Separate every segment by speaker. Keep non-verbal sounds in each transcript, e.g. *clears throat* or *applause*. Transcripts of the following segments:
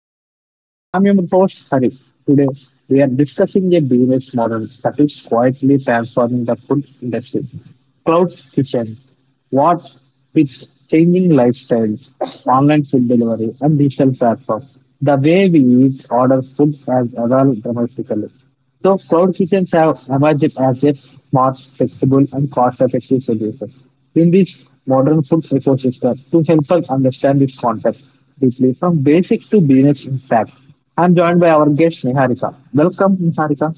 Speaker 1: podcast. I'm your host Hari. Today we are discussing a business model that is quietly transforming the food industry. Cloud kitchens, what with changing lifestyles, online food delivery and digital platforms. The way we eat, order food has evolved dramatically. So cloud kitchens have emerged as a smart, flexible, and cost-effective solution in this modern food ecosystem. To help us understand this context deeply, from basic to business impact, I'm joined by our guest Niharika. Welcome, Niharika.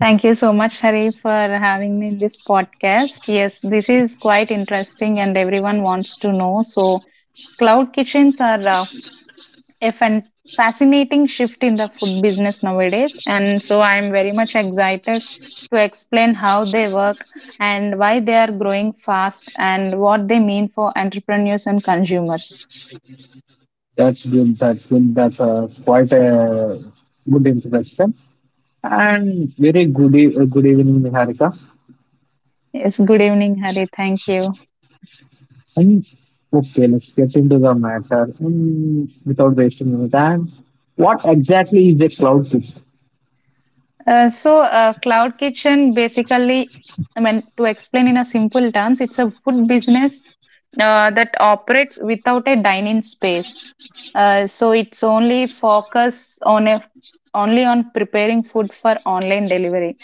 Speaker 2: Thank you so much, Hari, for having me in this podcast. Yes, this is quite interesting and everyone wants to know. So, cloud kitchens are a fascinating shift in the food business nowadays. And so, I'm very much excited to explain how they work and why they are growing fast and what they mean for entrepreneurs and consumers.
Speaker 1: That's good. That's good. That's quite a good introduction. And very good, good evening, Niharika.
Speaker 2: Yes, good evening, Hari. Thank you.
Speaker 1: I mean, okay, let's get into the matter without wasting any time. What exactly is a cloud kitchen?
Speaker 2: Cloud kitchen basically, I mean, to explain in a simple terms, it's a food business that operates without a dining space. So it's only focus on a only on preparing food for online delivery.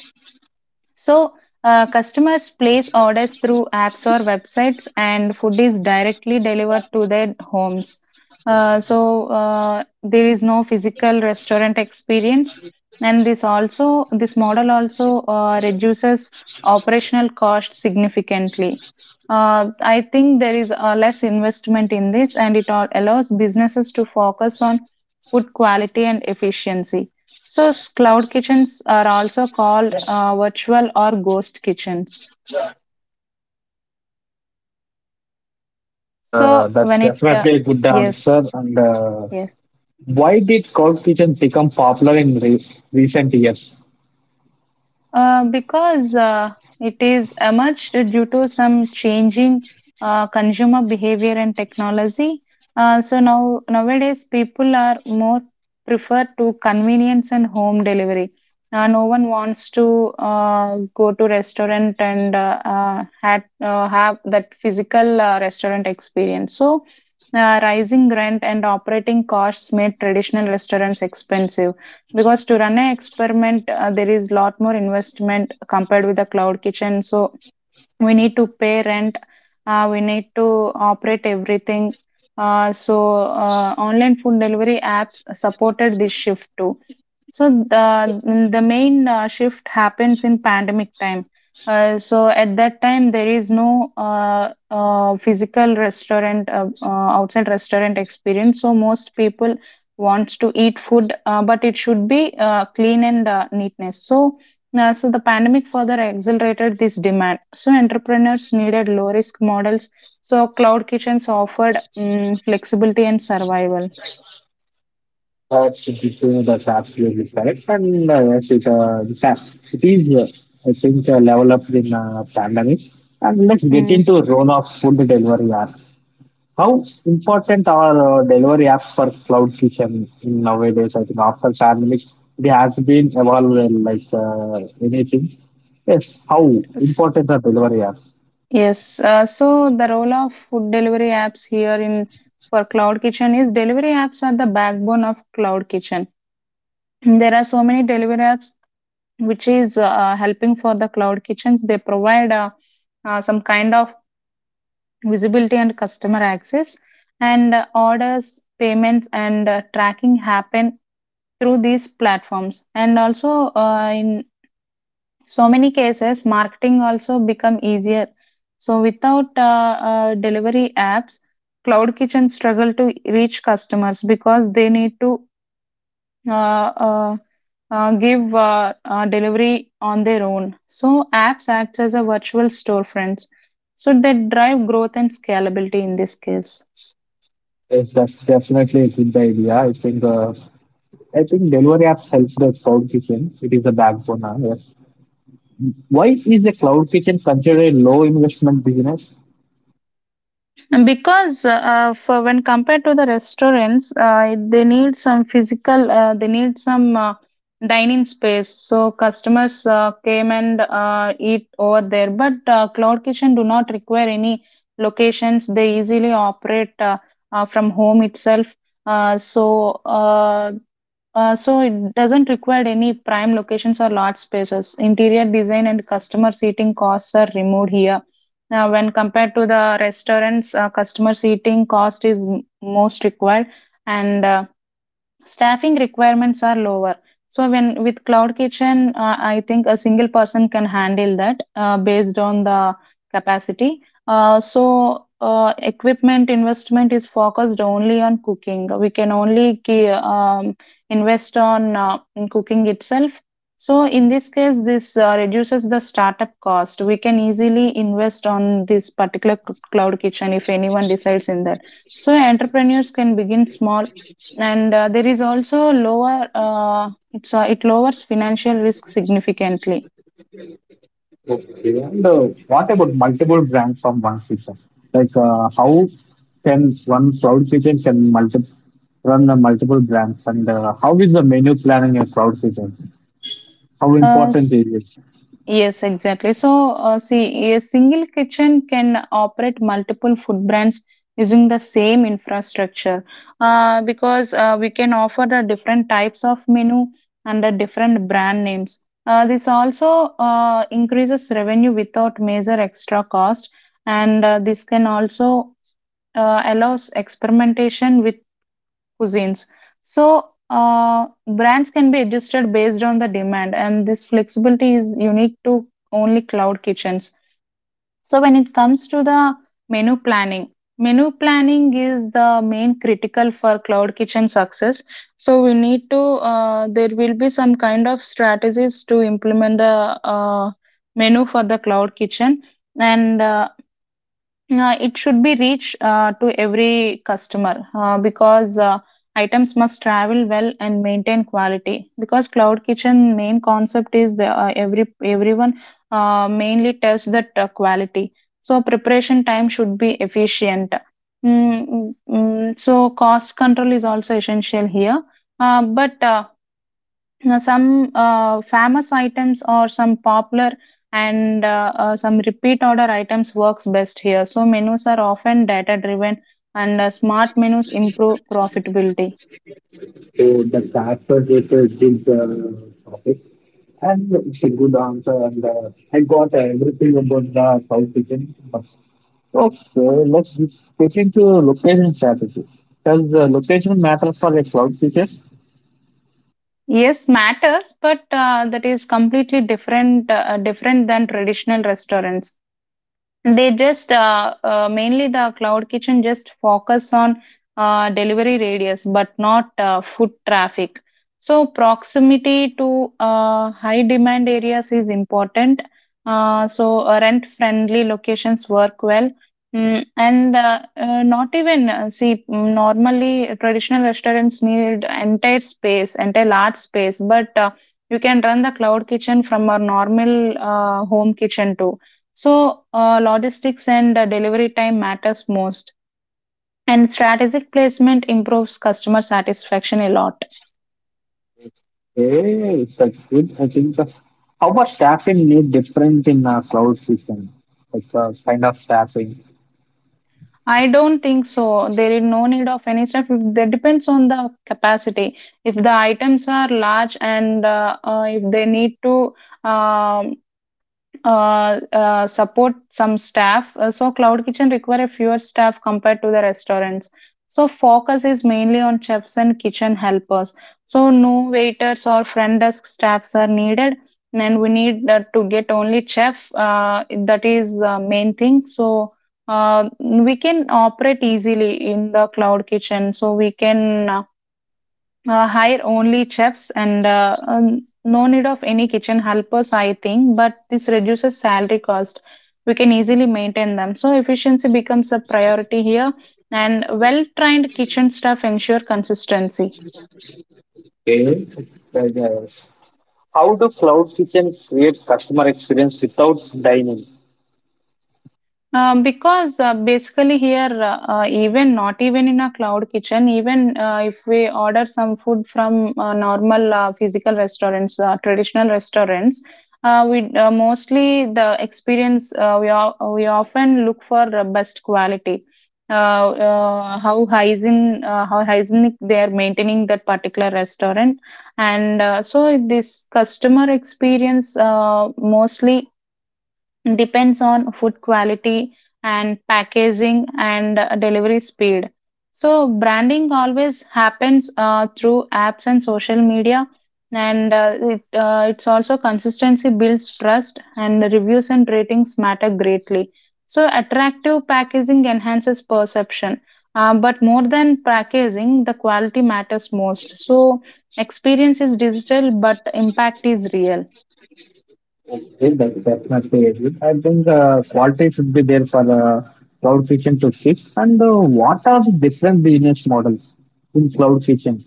Speaker 2: So, customers place orders through apps or websites, and food is directly delivered to their homes. There is no physical restaurant experience, and this model also reduces operational cost significantly. I think there is less investment in this, and it all allows businesses to focus on food quality and efficiency. Cloud kitchens are also called virtual or ghost kitchens. So,
Speaker 1: That's
Speaker 2: when it, uh,
Speaker 1: definitely a good
Speaker 2: yes,
Speaker 1: answer. And
Speaker 2: yes.
Speaker 1: Why did cloud kitchen become popular in recent years?
Speaker 2: Because it is emerged due to some changing consumer behavior and technology. So now nowadays people are more prefer to convenience and home delivery. No one wants to go to restaurant and have that physical restaurant experience. So rising rent and operating costs made traditional restaurants expensive, because to run an experiment there is lot more investment compared with the cloud kitchen. So we need to pay rent. We need to operate everything. uh, so Online food delivery apps supported this shift too. So the main shift happens in pandemic time. So at that time there is no physical restaurant outside restaurant experience. So most people wants to eat food, but it should be clean and neatness. So the pandemic further accelerated this demand. So entrepreneurs needed low risk models. So cloud kitchens offered flexibility and survival.
Speaker 1: That's true, that's absolutely correct. And yes, in fact, it is, uh, I think, level up in pandemic. And let's get
Speaker 2: Mm.
Speaker 1: into role of food delivery apps. How important are delivery apps for cloud kitchen in nowadays? I think after pandemic, they has been evolved like anything. Yes, how
Speaker 2: S-
Speaker 1: important are delivery apps?
Speaker 2: Yes. So the role of food delivery apps here in for cloud kitchen is delivery apps are the backbone of cloud kitchen. There are so many delivery apps which is helping for the cloud kitchens. They provide some kind of visibility and customer access, and orders payments and tracking happen through these platforms. And also in so many cases marketing also become easier. So without delivery apps, cloud kitchen struggle to reach customers, because they need to uh, uh, give delivery on their own. So apps act as a virtual storefronts. So they drive growth and scalability in this case.
Speaker 1: Yes, that's definitely a good idea. I think delivery apps helps the cloud kitchen. It is the backbone. Yes. Why is the cloud kitchen considered a low investment business?
Speaker 2: And because for when compared to the restaurants, they need some physical, they need some dining space. So customers came and eat over there. But cloud kitchen do not require any locations. They easily operate from home itself. Uh, so uh, so it doesn't require any prime locations or large spaces. Interior design and customer seating costs are removed here. Now, when compared to the restaurants, customer seating cost is most required, and staffing requirements are lower. So when with cloud kitchen, I think a single person can handle that based on the capacity. Equipment investment is focused only on cooking. We can only invest on in cooking itself. So in this case, this reduces the startup cost. We can easily invest on this particular cloud kitchen if anyone decides in that. So entrepreneurs can begin small, and there is also lower it's it lowers financial risk significantly.
Speaker 1: Okay. And What about multiple brands from one feature? Like, how can one cloud feature can run the multiple brands and how is the menu planning in cloud feature? How
Speaker 2: uh,
Speaker 1: important
Speaker 2: s-
Speaker 1: is it?
Speaker 2: yes, exactly. So see, a single kitchen can operate multiple food brands using the same infrastructure, because we can offer the different types of menu under different brand names. This also increases revenue without major extra cost, and this can also allows experimentation with cuisines. So, brands can be adjusted based on the demand, and this flexibility is unique to only cloud kitchens. So, when it comes to the menu planning, menu planning is the main critical for cloud kitchen success. So, there will be some kind of strategies to implement the uh, menu for the cloud kitchen, and it should be reached to every customer, because items must travel well and maintain quality. Because cloud kitchen main concept is the everyone mainly tests that quality. So preparation time should be efficient. So cost control is also essential here. But now, some famous items or some popular, and some repeat order items works best here. So menus are often data driven, and smart menus improve profitability.
Speaker 1: So the Casper research is the topic. And it's a good answer and I got everything about the cloud kitchen. Okay, let's get into location strategy. Does the location matter for a cloud feature?
Speaker 2: Yes, matters, but that is completely different than traditional restaurants. They just mainly the cloud kitchen just focus on delivery radius but not foot traffic. So proximity to high demand areas is important. Rent friendly locations work well. And not even see, normally traditional restaurants need entire space entire large space. But you can run the cloud kitchen from our normal home kitchen too. So, logistics and delivery time matters most, and strategic placement improves customer satisfaction a lot.
Speaker 1: Hey, such good. I think so. How about staffing need difference in a cloud system? Like, kind of staffing.
Speaker 2: I don't think so. There is no need of any stuff. That depends on the capacity. If the items are large, and if they need to um support some staff. So cloud kitchen require a fewer staff compared to the restaurants. So focus is mainly on chefs and kitchen helpers. So no waiters or front desk staffs are needed. And we need to get only chef. That is main thing. So we can operate easily in the cloud kitchen. So we can hire only chefs, and no need of any kitchen helpers, I think, but this reduces salary cost. We can easily maintain them. So, efficiency becomes a priority here, and well trained kitchen staff ensure consistency.
Speaker 1: Okay. Like, uh, How do cloud systems create customer experience without dying in?
Speaker 2: Because basically here, even not even in a cloud kitchen, even if we order some food from normal physical restaurants, traditional restaurants, we mostly the experience, we often look for best quality. How hygienic they are maintaining that particular restaurant. And this customer experience mostly depends on food quality and packaging and delivery speed. So, branding always happens through apps and social media, and it, it's also consistency builds trust, and reviews and ratings matter greatly. So, attractive packaging enhances perception. But more than packaging, the quality matters most. So, experience is digital, but impact is real.
Speaker 1: Okay, that's definitely a good. I think quality should be there for cloud kitchen to fix. And What are the different business models in cloud kitchen?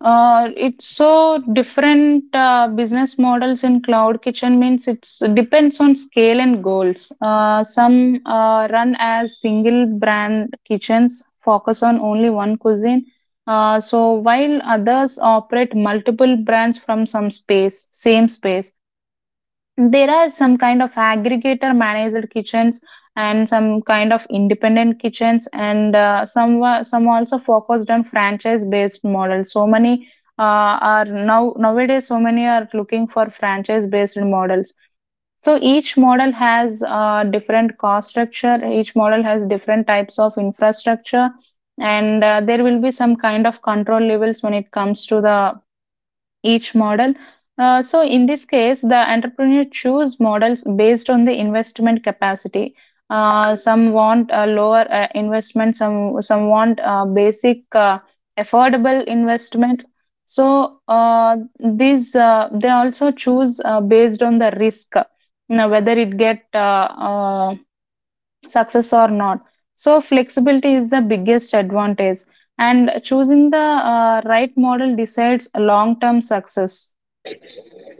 Speaker 2: It's so different business models in cloud kitchen means it's depends on scale and goals. Some run as single brand kitchens, focus on only one cuisine. So while others operate multiple brands from same space. There are some kind of aggregator managed kitchens and some kind of independent kitchens, and some also focused on franchise based models. So many are now nowadays so many are looking for franchise based models. So each model has different cost structure. Each model has different types of infrastructure, and there will be some kind of control levels when it comes to the each model. So in this case, the entrepreneur choose models based on the investment capacity. Some want a lower investment. Some want basic affordable investment. So these they also choose based on the risk, now whether it get uh, success or not. So flexibility is the biggest advantage, and choosing the right model decides long term success.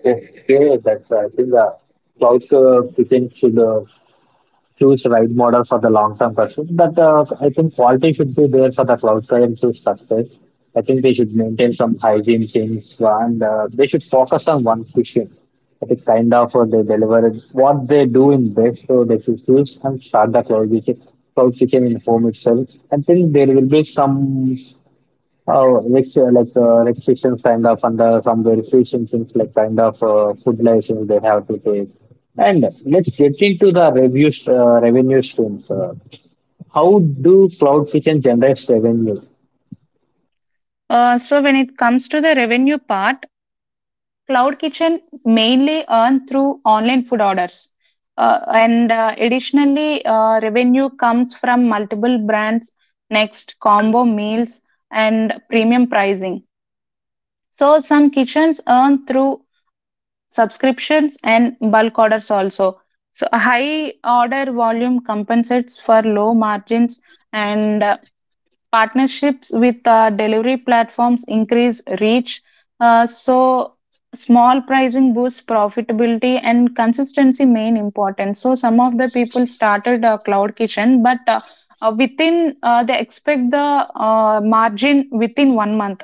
Speaker 1: Okay, that's, I think, cloud kitchen should choose right model for the long term pursuit. But I think quality should be there for the cloud sciences success. I think they should maintain some hygiene things and they should focus on one question. I think kind of they deliver it. What they do in best, so they should choose and start the cloud kitchen in home itself. I think there will be some like restrictions kind of under some verification things like kind of food license they have to take. And let's get into the revenue streams. How do cloud kitchen generates revenue?
Speaker 2: So when it comes to the revenue part, cloud kitchen mainly earn through online food orders. And Additionally, revenue comes from multiple brands, next combo meals and premium pricing. So some kitchens earn through subscriptions and bulk orders also. So a high order volume compensates for low margins, and partnerships with delivery platforms increase reach. So, small pricing boosts profitability and consistency main importance. So, some of the people started a cloud kitchen, but within they expect the margin within one month.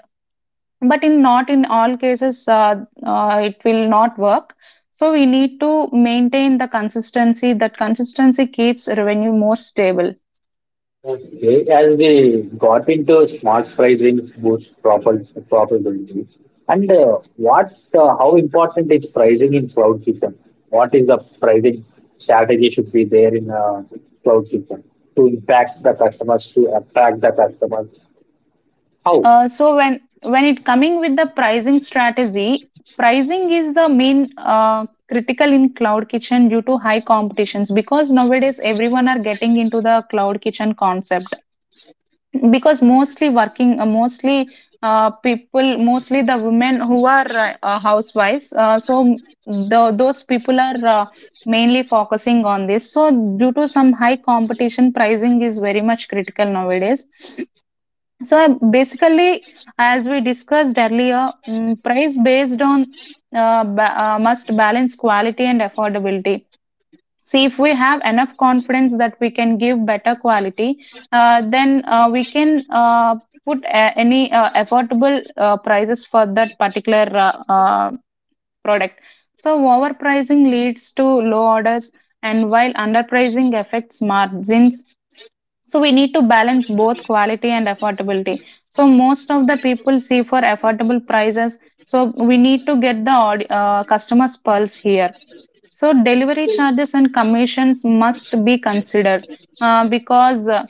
Speaker 2: But in not in all cases, it will not work. So we need to maintain the consistency. That consistency keeps revenue more stable.
Speaker 1: Okay, as we got into smart pricing boosts profitability, and what how important is pricing in cloud kitchen? What is the pricing strategy should be there in cloud kitchen to impact the customers, to attract the customers? How?
Speaker 2: So when it coming with the pricing strategy, pricing is the main critical in cloud kitchen due to high competitions because nowadays everyone are getting into the cloud kitchen concept because mostly working mostly people mostly the women who are housewives so those people are mainly focusing on this so due to some high competition pricing is very much critical nowadays so I basically, as we discussed earlier, price based on must balance quality and affordability. See, if we have enough confidence that we can give better quality, then we can any affordable prices for that particular product. So overpricing leads to low orders, and while underpricing affects margins, so we need to balance both quality and affordability. So most of the people see for affordable prices. So we need to get the customer's pulse here. So delivery charges and commissions must be considered because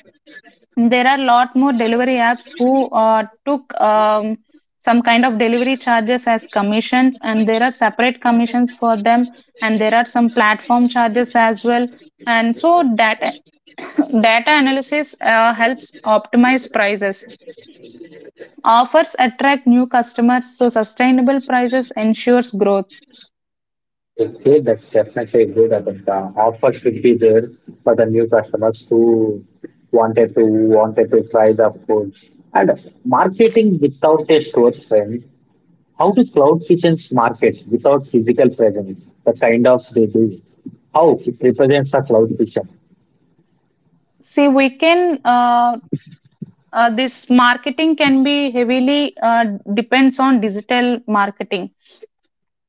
Speaker 2: there are a lot more delivery apps who took some kind of delivery charges as commissions, and there are separate commissions for them, and there are some platform charges as well and so that data analysis helps optimize prices. Offers attract new customers, so sustainable prices ensures growth.
Speaker 1: Okay, that's definitely good. I think the offer should be there for the new customers who wanted to try the food and marketing without a store friend. How do cloud kitchens market without physical presence? The kind of they do. How it represents a cloud kitchen.
Speaker 2: See, we can this marketing can be heavily depends on digital marketing.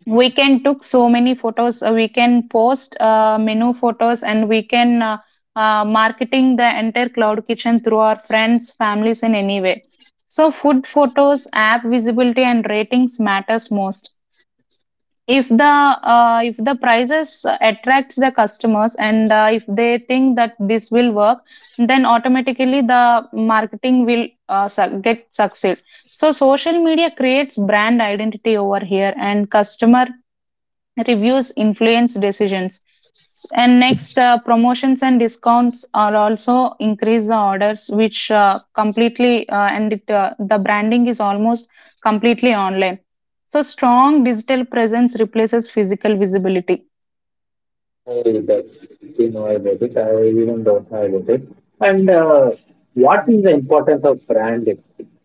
Speaker 2: We can took so many photos. We can post menu photos, and we can marketing the entire cloud kitchen through our friends, families in any way. So, food photos, app visibility, and ratings matters most if the prices attracts the customers, and if they think that this will work, then automatically the marketing will get succeed, so social media creates brand identity over here and customer reviews influence decisions. And next, promotions and discounts are also increase the orders, which completely and the branding is almost completely online. So strong digital presence replaces physical visibility.
Speaker 1: I do know about it. I even don't know about it. And What is the importance of branding?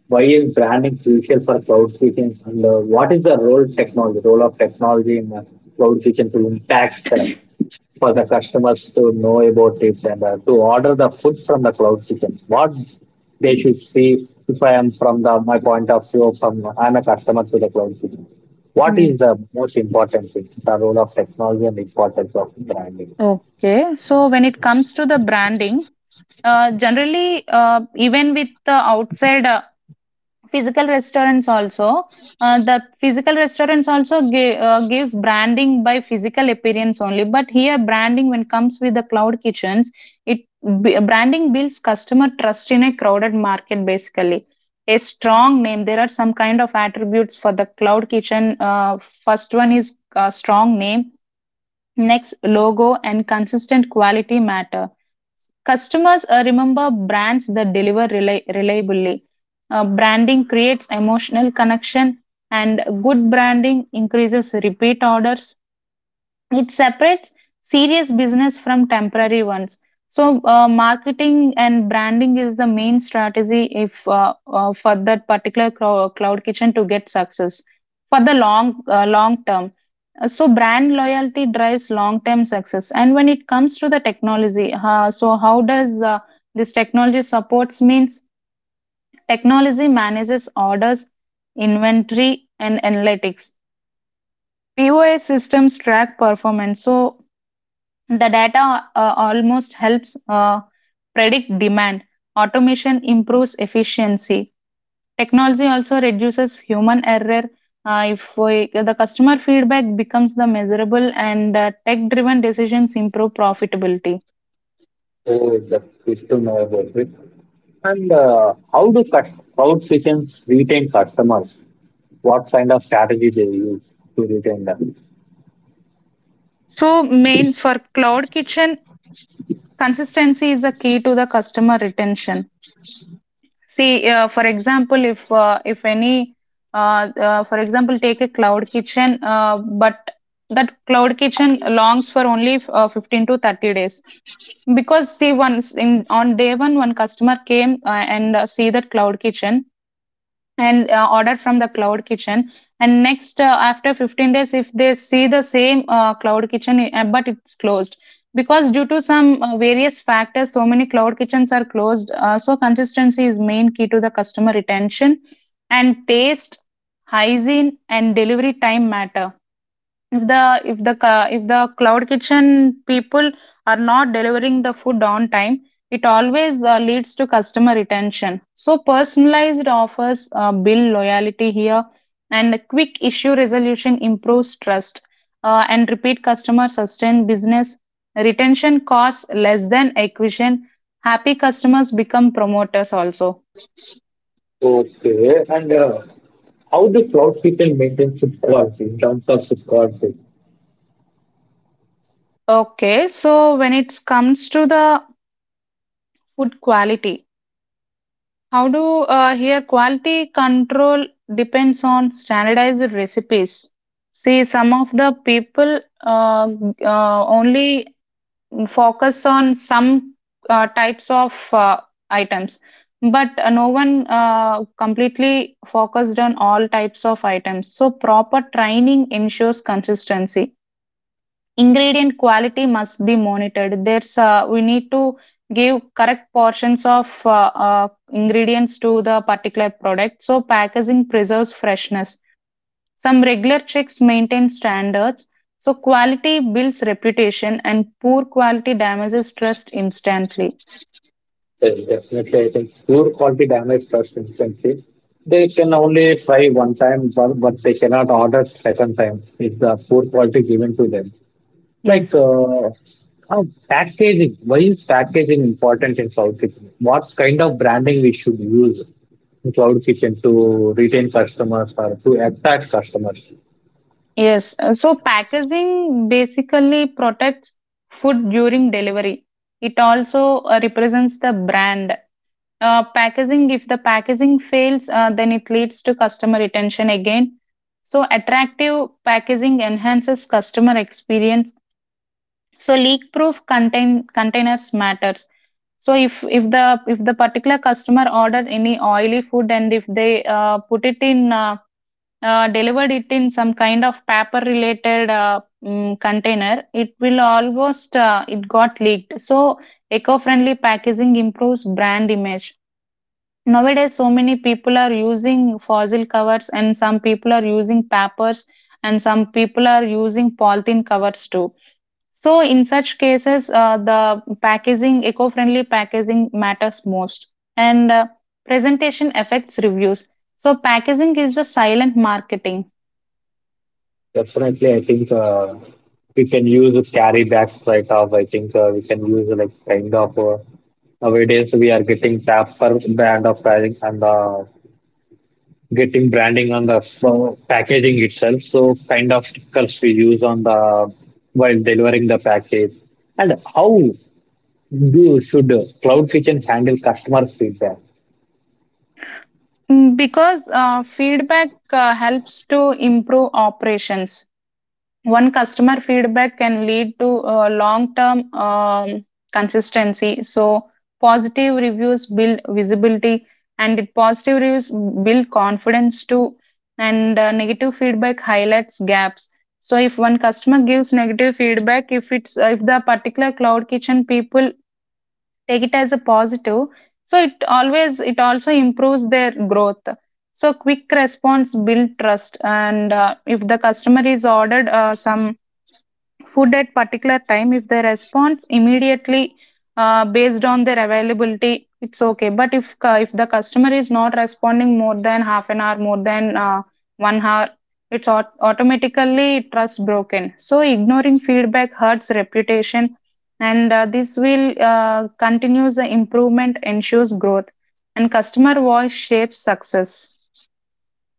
Speaker 1: Why is branding crucial for cloud kitchens? And what is the role of technology in cloud kitchen to impact for the customers to know about it and to order the food from the cloud kitchen. What they should see if I am from the my point of view from I'm a customer to the cloud kitchen. What
Speaker 2: Mm.
Speaker 1: is the most important thing? The role of technology and importance of branding.
Speaker 2: Okay, so when it comes to the branding, generally, even with the outside physical restaurants also the physical restaurants also gives branding by physical appearance only, but here branding when comes with the cloud kitchens, it branding builds customer trust in a crowded market. Basically, a strong name, there are some kind of attributes for the cloud kitchen. First one is strong name. Next, logo and consistent quality matter. Customers remember brands that deliver reliably. Branding creates emotional connection, and good branding increases repeat orders. It separates serious business from temporary ones. So, marketing and branding is the main strategy if for that particular cloud kitchen to get success for the long long term. So brand loyalty drives long-term success. And when it comes to the technology, so how does this technology supports means technology manages orders, inventory, and analytics. POS systems track performance. So the data almost helps predict demand. Automation improves efficiency. Technology also reduces human error. If we, The customer feedback becomes the measurable, and tech-driven decisions improve profitability.
Speaker 1: So that is to know about it. And how do cloud kitchens retain customers? What kind of strategy they use to retain them?
Speaker 2: So, main for cloud kitchen, consistency is a key to the customer retention. See, for example, if any, for example, take a cloud kitchen, but that cloud kitchen longs for only 15 to 30 days, because see once in on day one customer came, and see that cloud kitchen, and ordered from the cloud kitchen, and next after 15 days if they see the same cloud kitchen, but it's closed because due to some various factors, so many cloud kitchens are closed. So consistency is main key to the customer retention, and taste, hygiene, and delivery time matter. If the if the cloud kitchen people are not delivering the food on time, it always leads to customer retention. So personalized offers build loyalty here, and quick issue resolution improves trust, and repeat customer sustain business. Retention costs less than acquisition. Happy customers become promoters also.
Speaker 1: Okay. And How the cloud kitchen maintains food quality in terms of food quality?
Speaker 2: Okay, so when it comes to the food quality, how do here quality control depends on standardized recipes? See, some of the people only focus on some types of items, but no one completely focused on all types of items. So, proper training ensures consistency. Ingredient quality must be monitored. There's we need to give correct portions of ingredients to the particular product. So packaging preserves freshness. Some regular checks maintain standards, so quality builds reputation and poor quality damages trust instantly.
Speaker 1: Yes, definitely, I think poor quality damage trust instantly. They can only try one time, but they cannot order second time if the poor quality given to them. Like
Speaker 2: Yes,
Speaker 1: uh, uh, Packaging, why is packaging important in cloud kitchen? What kind of branding we should use in cloud kitchen to retain customers or to attract customers?
Speaker 2: yes. So packaging basically protects food during delivery. It also represents the brand. Packaging, if the packaging fails, then it leads to customer retention again. So, attractive packaging enhances customer experience. So, leak-proof containers matters. So, if if the particular customer ordered any oily food and if they put it in delivered it in some kind of paper-related container, it will almost it got leaked. So, eco-friendly packaging improves brand image. Nowadays, so many people are using fossil covers, and some people are using papers, and some people are using polythene covers too. So, in such cases, the packaging, eco friendly packaging, matters most. And presentation affects reviews. So, packaging is a silent marketing.
Speaker 1: Definitely, I think we can use a carry back right off. I think we can use like nowadays we are getting tap per brand of pricing and getting branding on the packaging itself. So kind of stickers we use on the while delivering the package. And how do should Cloud Kitchen handle customer feedback?
Speaker 2: Because feedback helps to improve operations. One customer feedback can lead to long-term consistency. So positive reviews build visibility, and positive reviews build confidence too. And negative feedback highlights gaps. So if one customer gives negative feedback, if it's if the particular cloud kitchen people take it as a positive, so it always it also improves their growth. So quick response build trust, and if the customer is ordered some food at particular time, if they responds immediately based on their availability, it's okay. But if if the customer is not responding more than half an hour, more than 1 hour, it's automatically trust broken. So ignoring feedback hurts reputation, and this will continues the improvement ensures growth, and customer voice shapes success.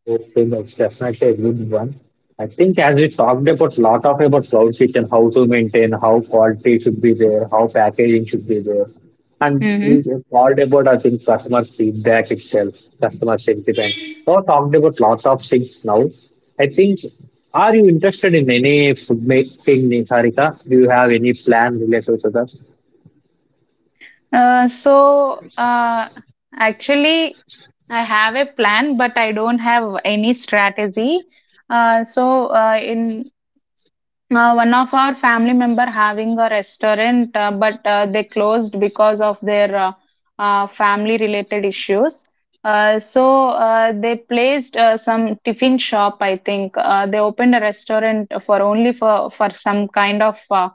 Speaker 1: Yes, it's definitely a good one. I think as we talked about lot of about cloud kitchen, how to maintain, how quality should be there, how packaging should be there. And we
Speaker 2: Mm-hmm.
Speaker 1: just talked about, I think, customer feedback itself, customer sentiment. So talked about lots of things now. I think are you interested in any food making, Sarika? Do you have any plan related to
Speaker 2: Uh, so uh, Actually, I have a plan, but I don't have any strategy. So in One of our family member having a restaurant, but they closed because of their family related issues. They placed some tiffin shop. I think they opened a restaurant for only for some kind of. Uh,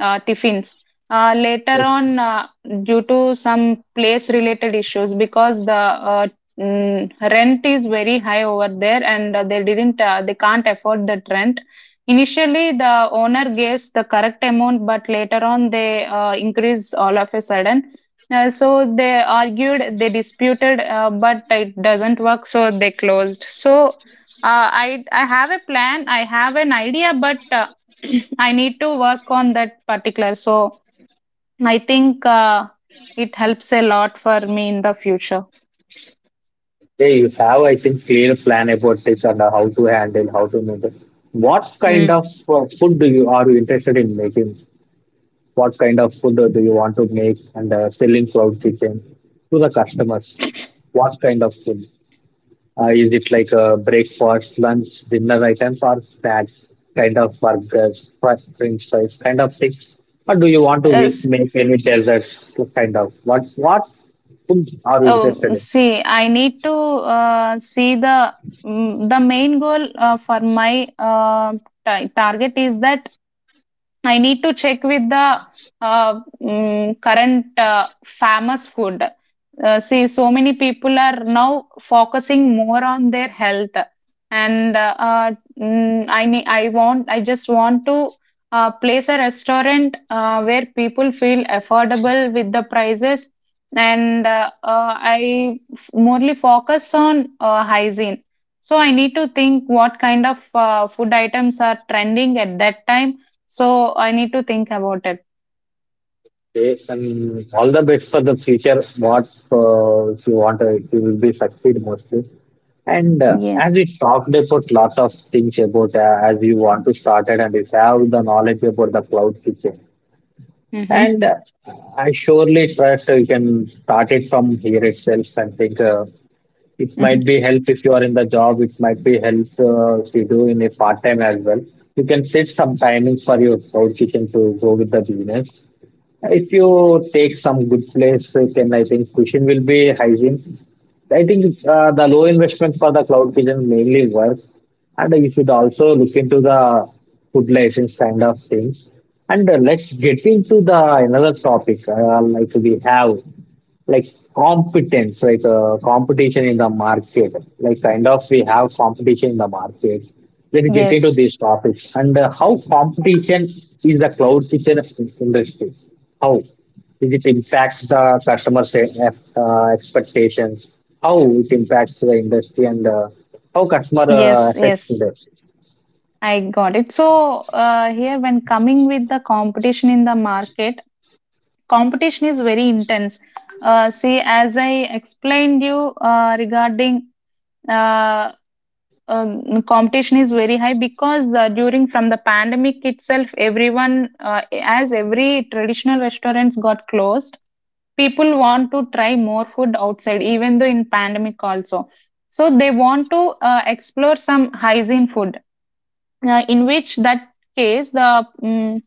Speaker 2: uh, Tiffins. Later on,
Speaker 1: that?
Speaker 2: due to some place related issues, because the rent is very high over there and they can't afford that rent. Initially, the owner gives the correct amount, but later on, they increase all of a sudden. So they argued, they disputed, but it doesn't work, so they closed. So I have a plan, I have an idea, but *clears throat* I need to work on that particular. So I think it helps a lot for me in the future.
Speaker 1: Yeah, you have, I think, clear plan about this and how to handle, how to make it. What kind
Speaker 2: Mm.
Speaker 1: of food do you, are you interested in making? What kind of food do you want to make and selling cloud kitchen to the customers? What kind of food? Is it like a breakfast, lunch, dinner items, or snacks? Kind of burgers, French fries, kind of things? Or do you want to
Speaker 2: Yes,
Speaker 1: make any desserts? Kind of what food are you interested in?
Speaker 2: see, I need to see the the main goal for my target is that I need to check with the current famous food. See, so many people are now focusing more on their health, and I want, I just want to place a restaurant where people feel affordable with the prices, and morely focus on hygiene. So I need to think what kind of food items are trending at that time, so I need to think about it.
Speaker 1: Okay, and all the best for the future. What If you want, you will be succeed mostly. And
Speaker 2: Yeah.
Speaker 1: as we talked about lot of things about as you want to start it and you have the knowledge about the cloud kitchen.
Speaker 2: Mm-hmm.
Speaker 1: And I surely trust you can start it from here itself and think it might
Speaker 2: Mm-hmm.
Speaker 1: be help if you are in the job. It might be help if you do in a part time as well. You can set some timings for your cloud kitchen to go with the business. If you take some good place, you can, I think, cushion will be hygiene. I think the low investment for the cloud kitchen mainly works, and you should also look into the food license kind of things. And let's get into the another topic like we have like competition in the market, like kind of we have competition in the market. Then we get into
Speaker 2: Yes.
Speaker 1: these topics and how competition is the cloud kitchen industry. How is it impacts the customer say, expectations? How it impacts the industry and how customer
Speaker 2: Yes.
Speaker 1: affects
Speaker 2: Yes.
Speaker 1: this?
Speaker 2: I got it. So here, when coming with the competition in the market, competition is very intense. See, as I explained you regarding uh, competition is very high because during from the pandemic itself, everyone as every traditional restaurants got closed, people want to try more food outside even though in pandemic also. So they want to explore some hygiene food in which that case the mm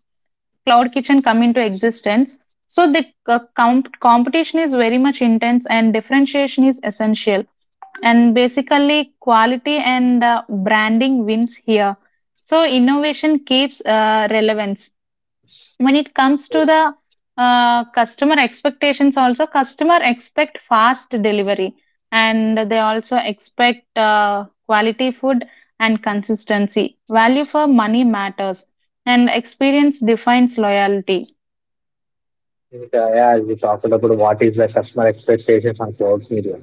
Speaker 2: cloud kitchen come into existence. So the competition is very much intense and differentiation is essential, and basically quality and branding wins here, so innovation keeps relevance. When it comes to the customer expectations also, customer expect fast delivery, and they also expect quality food and consistency. Value for money matters, and experience defines loyalty.
Speaker 1: If, Yeah, as we talked about what is the customer expectations on cloud media.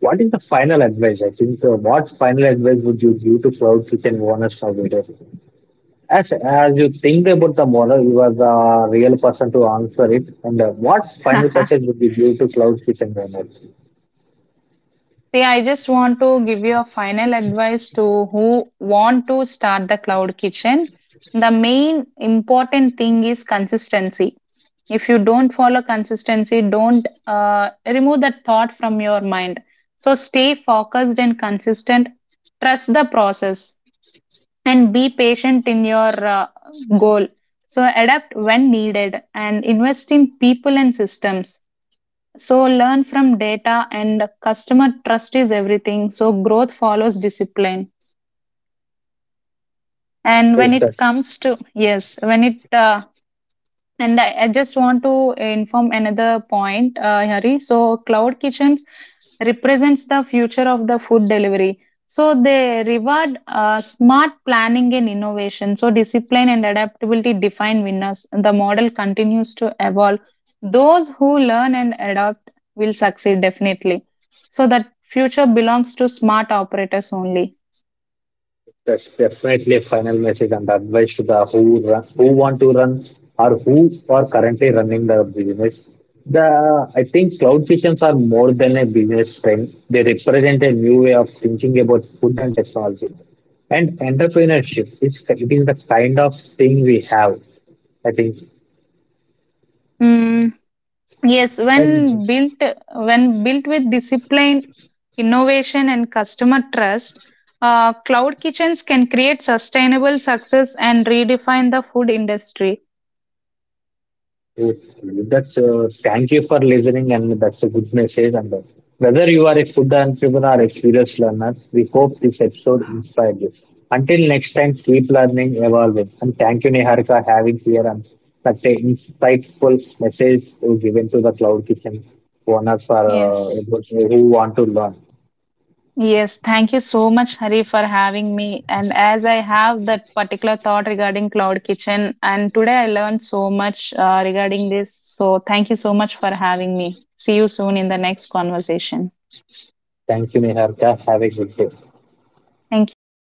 Speaker 1: What is the final advice? I think What final advice would you give to cloud kitchen owners now? Vijay? As you think about the model, you are the real person to answer it. And what final
Speaker 2: *laughs*
Speaker 1: message would you give to cloud kitchen owners?
Speaker 2: See, I just want to give you a final advice to who want to start the cloud kitchen. The main important thing is consistency. If you don't follow consistency, don't remove that thought from your mind. So stay focused and consistent. Trust the process and be patient in your goal. So adapt when needed and invest in people and systems, so learn from data and customer trust is everything. So growth follows discipline. And when
Speaker 1: Yes, sir.
Speaker 2: it comes to yes, when it and I just want to inform another point, Hari. So, cloud kitchens represents the future of the food delivery. So, they reward smart planning and innovation. So, discipline and adaptability define winners. The model continues to evolve. Those who learn and adapt will succeed definitely. So, that future belongs to smart operators only.
Speaker 1: That's definitely a final message and advice to the who run, who want to run or who are currently running the business. The, I think, cloud kitchens are more than a business trend. They represent a new way of thinking about food and technology. And entrepreneurship is it is the kind of thing we have, I think.
Speaker 2: Hmm. Yes,
Speaker 1: And
Speaker 2: when built with discipline, innovation, and customer trust, cloud kitchens can create sustainable success and redefine the food industry.
Speaker 1: yes, that's thank you for listening, and that's a good message. And Whether you are a food entrepreneur or a curious learner, we hope this episode inspired you. Until next time, keep learning, evolving, and thank you, Niharika, having here and such an insightful message you given to the cloud kitchen owners for
Speaker 2: Yes.
Speaker 1: those who want to learn.
Speaker 2: Yes, thank you so much, Hari, for having me. And as I have that particular thought regarding cloud kitchen, and today I learned so much regarding this. So thank you so much for having me. See you soon in the next conversation.
Speaker 1: Thank you, Niharika. Have a good day.
Speaker 2: Thank you.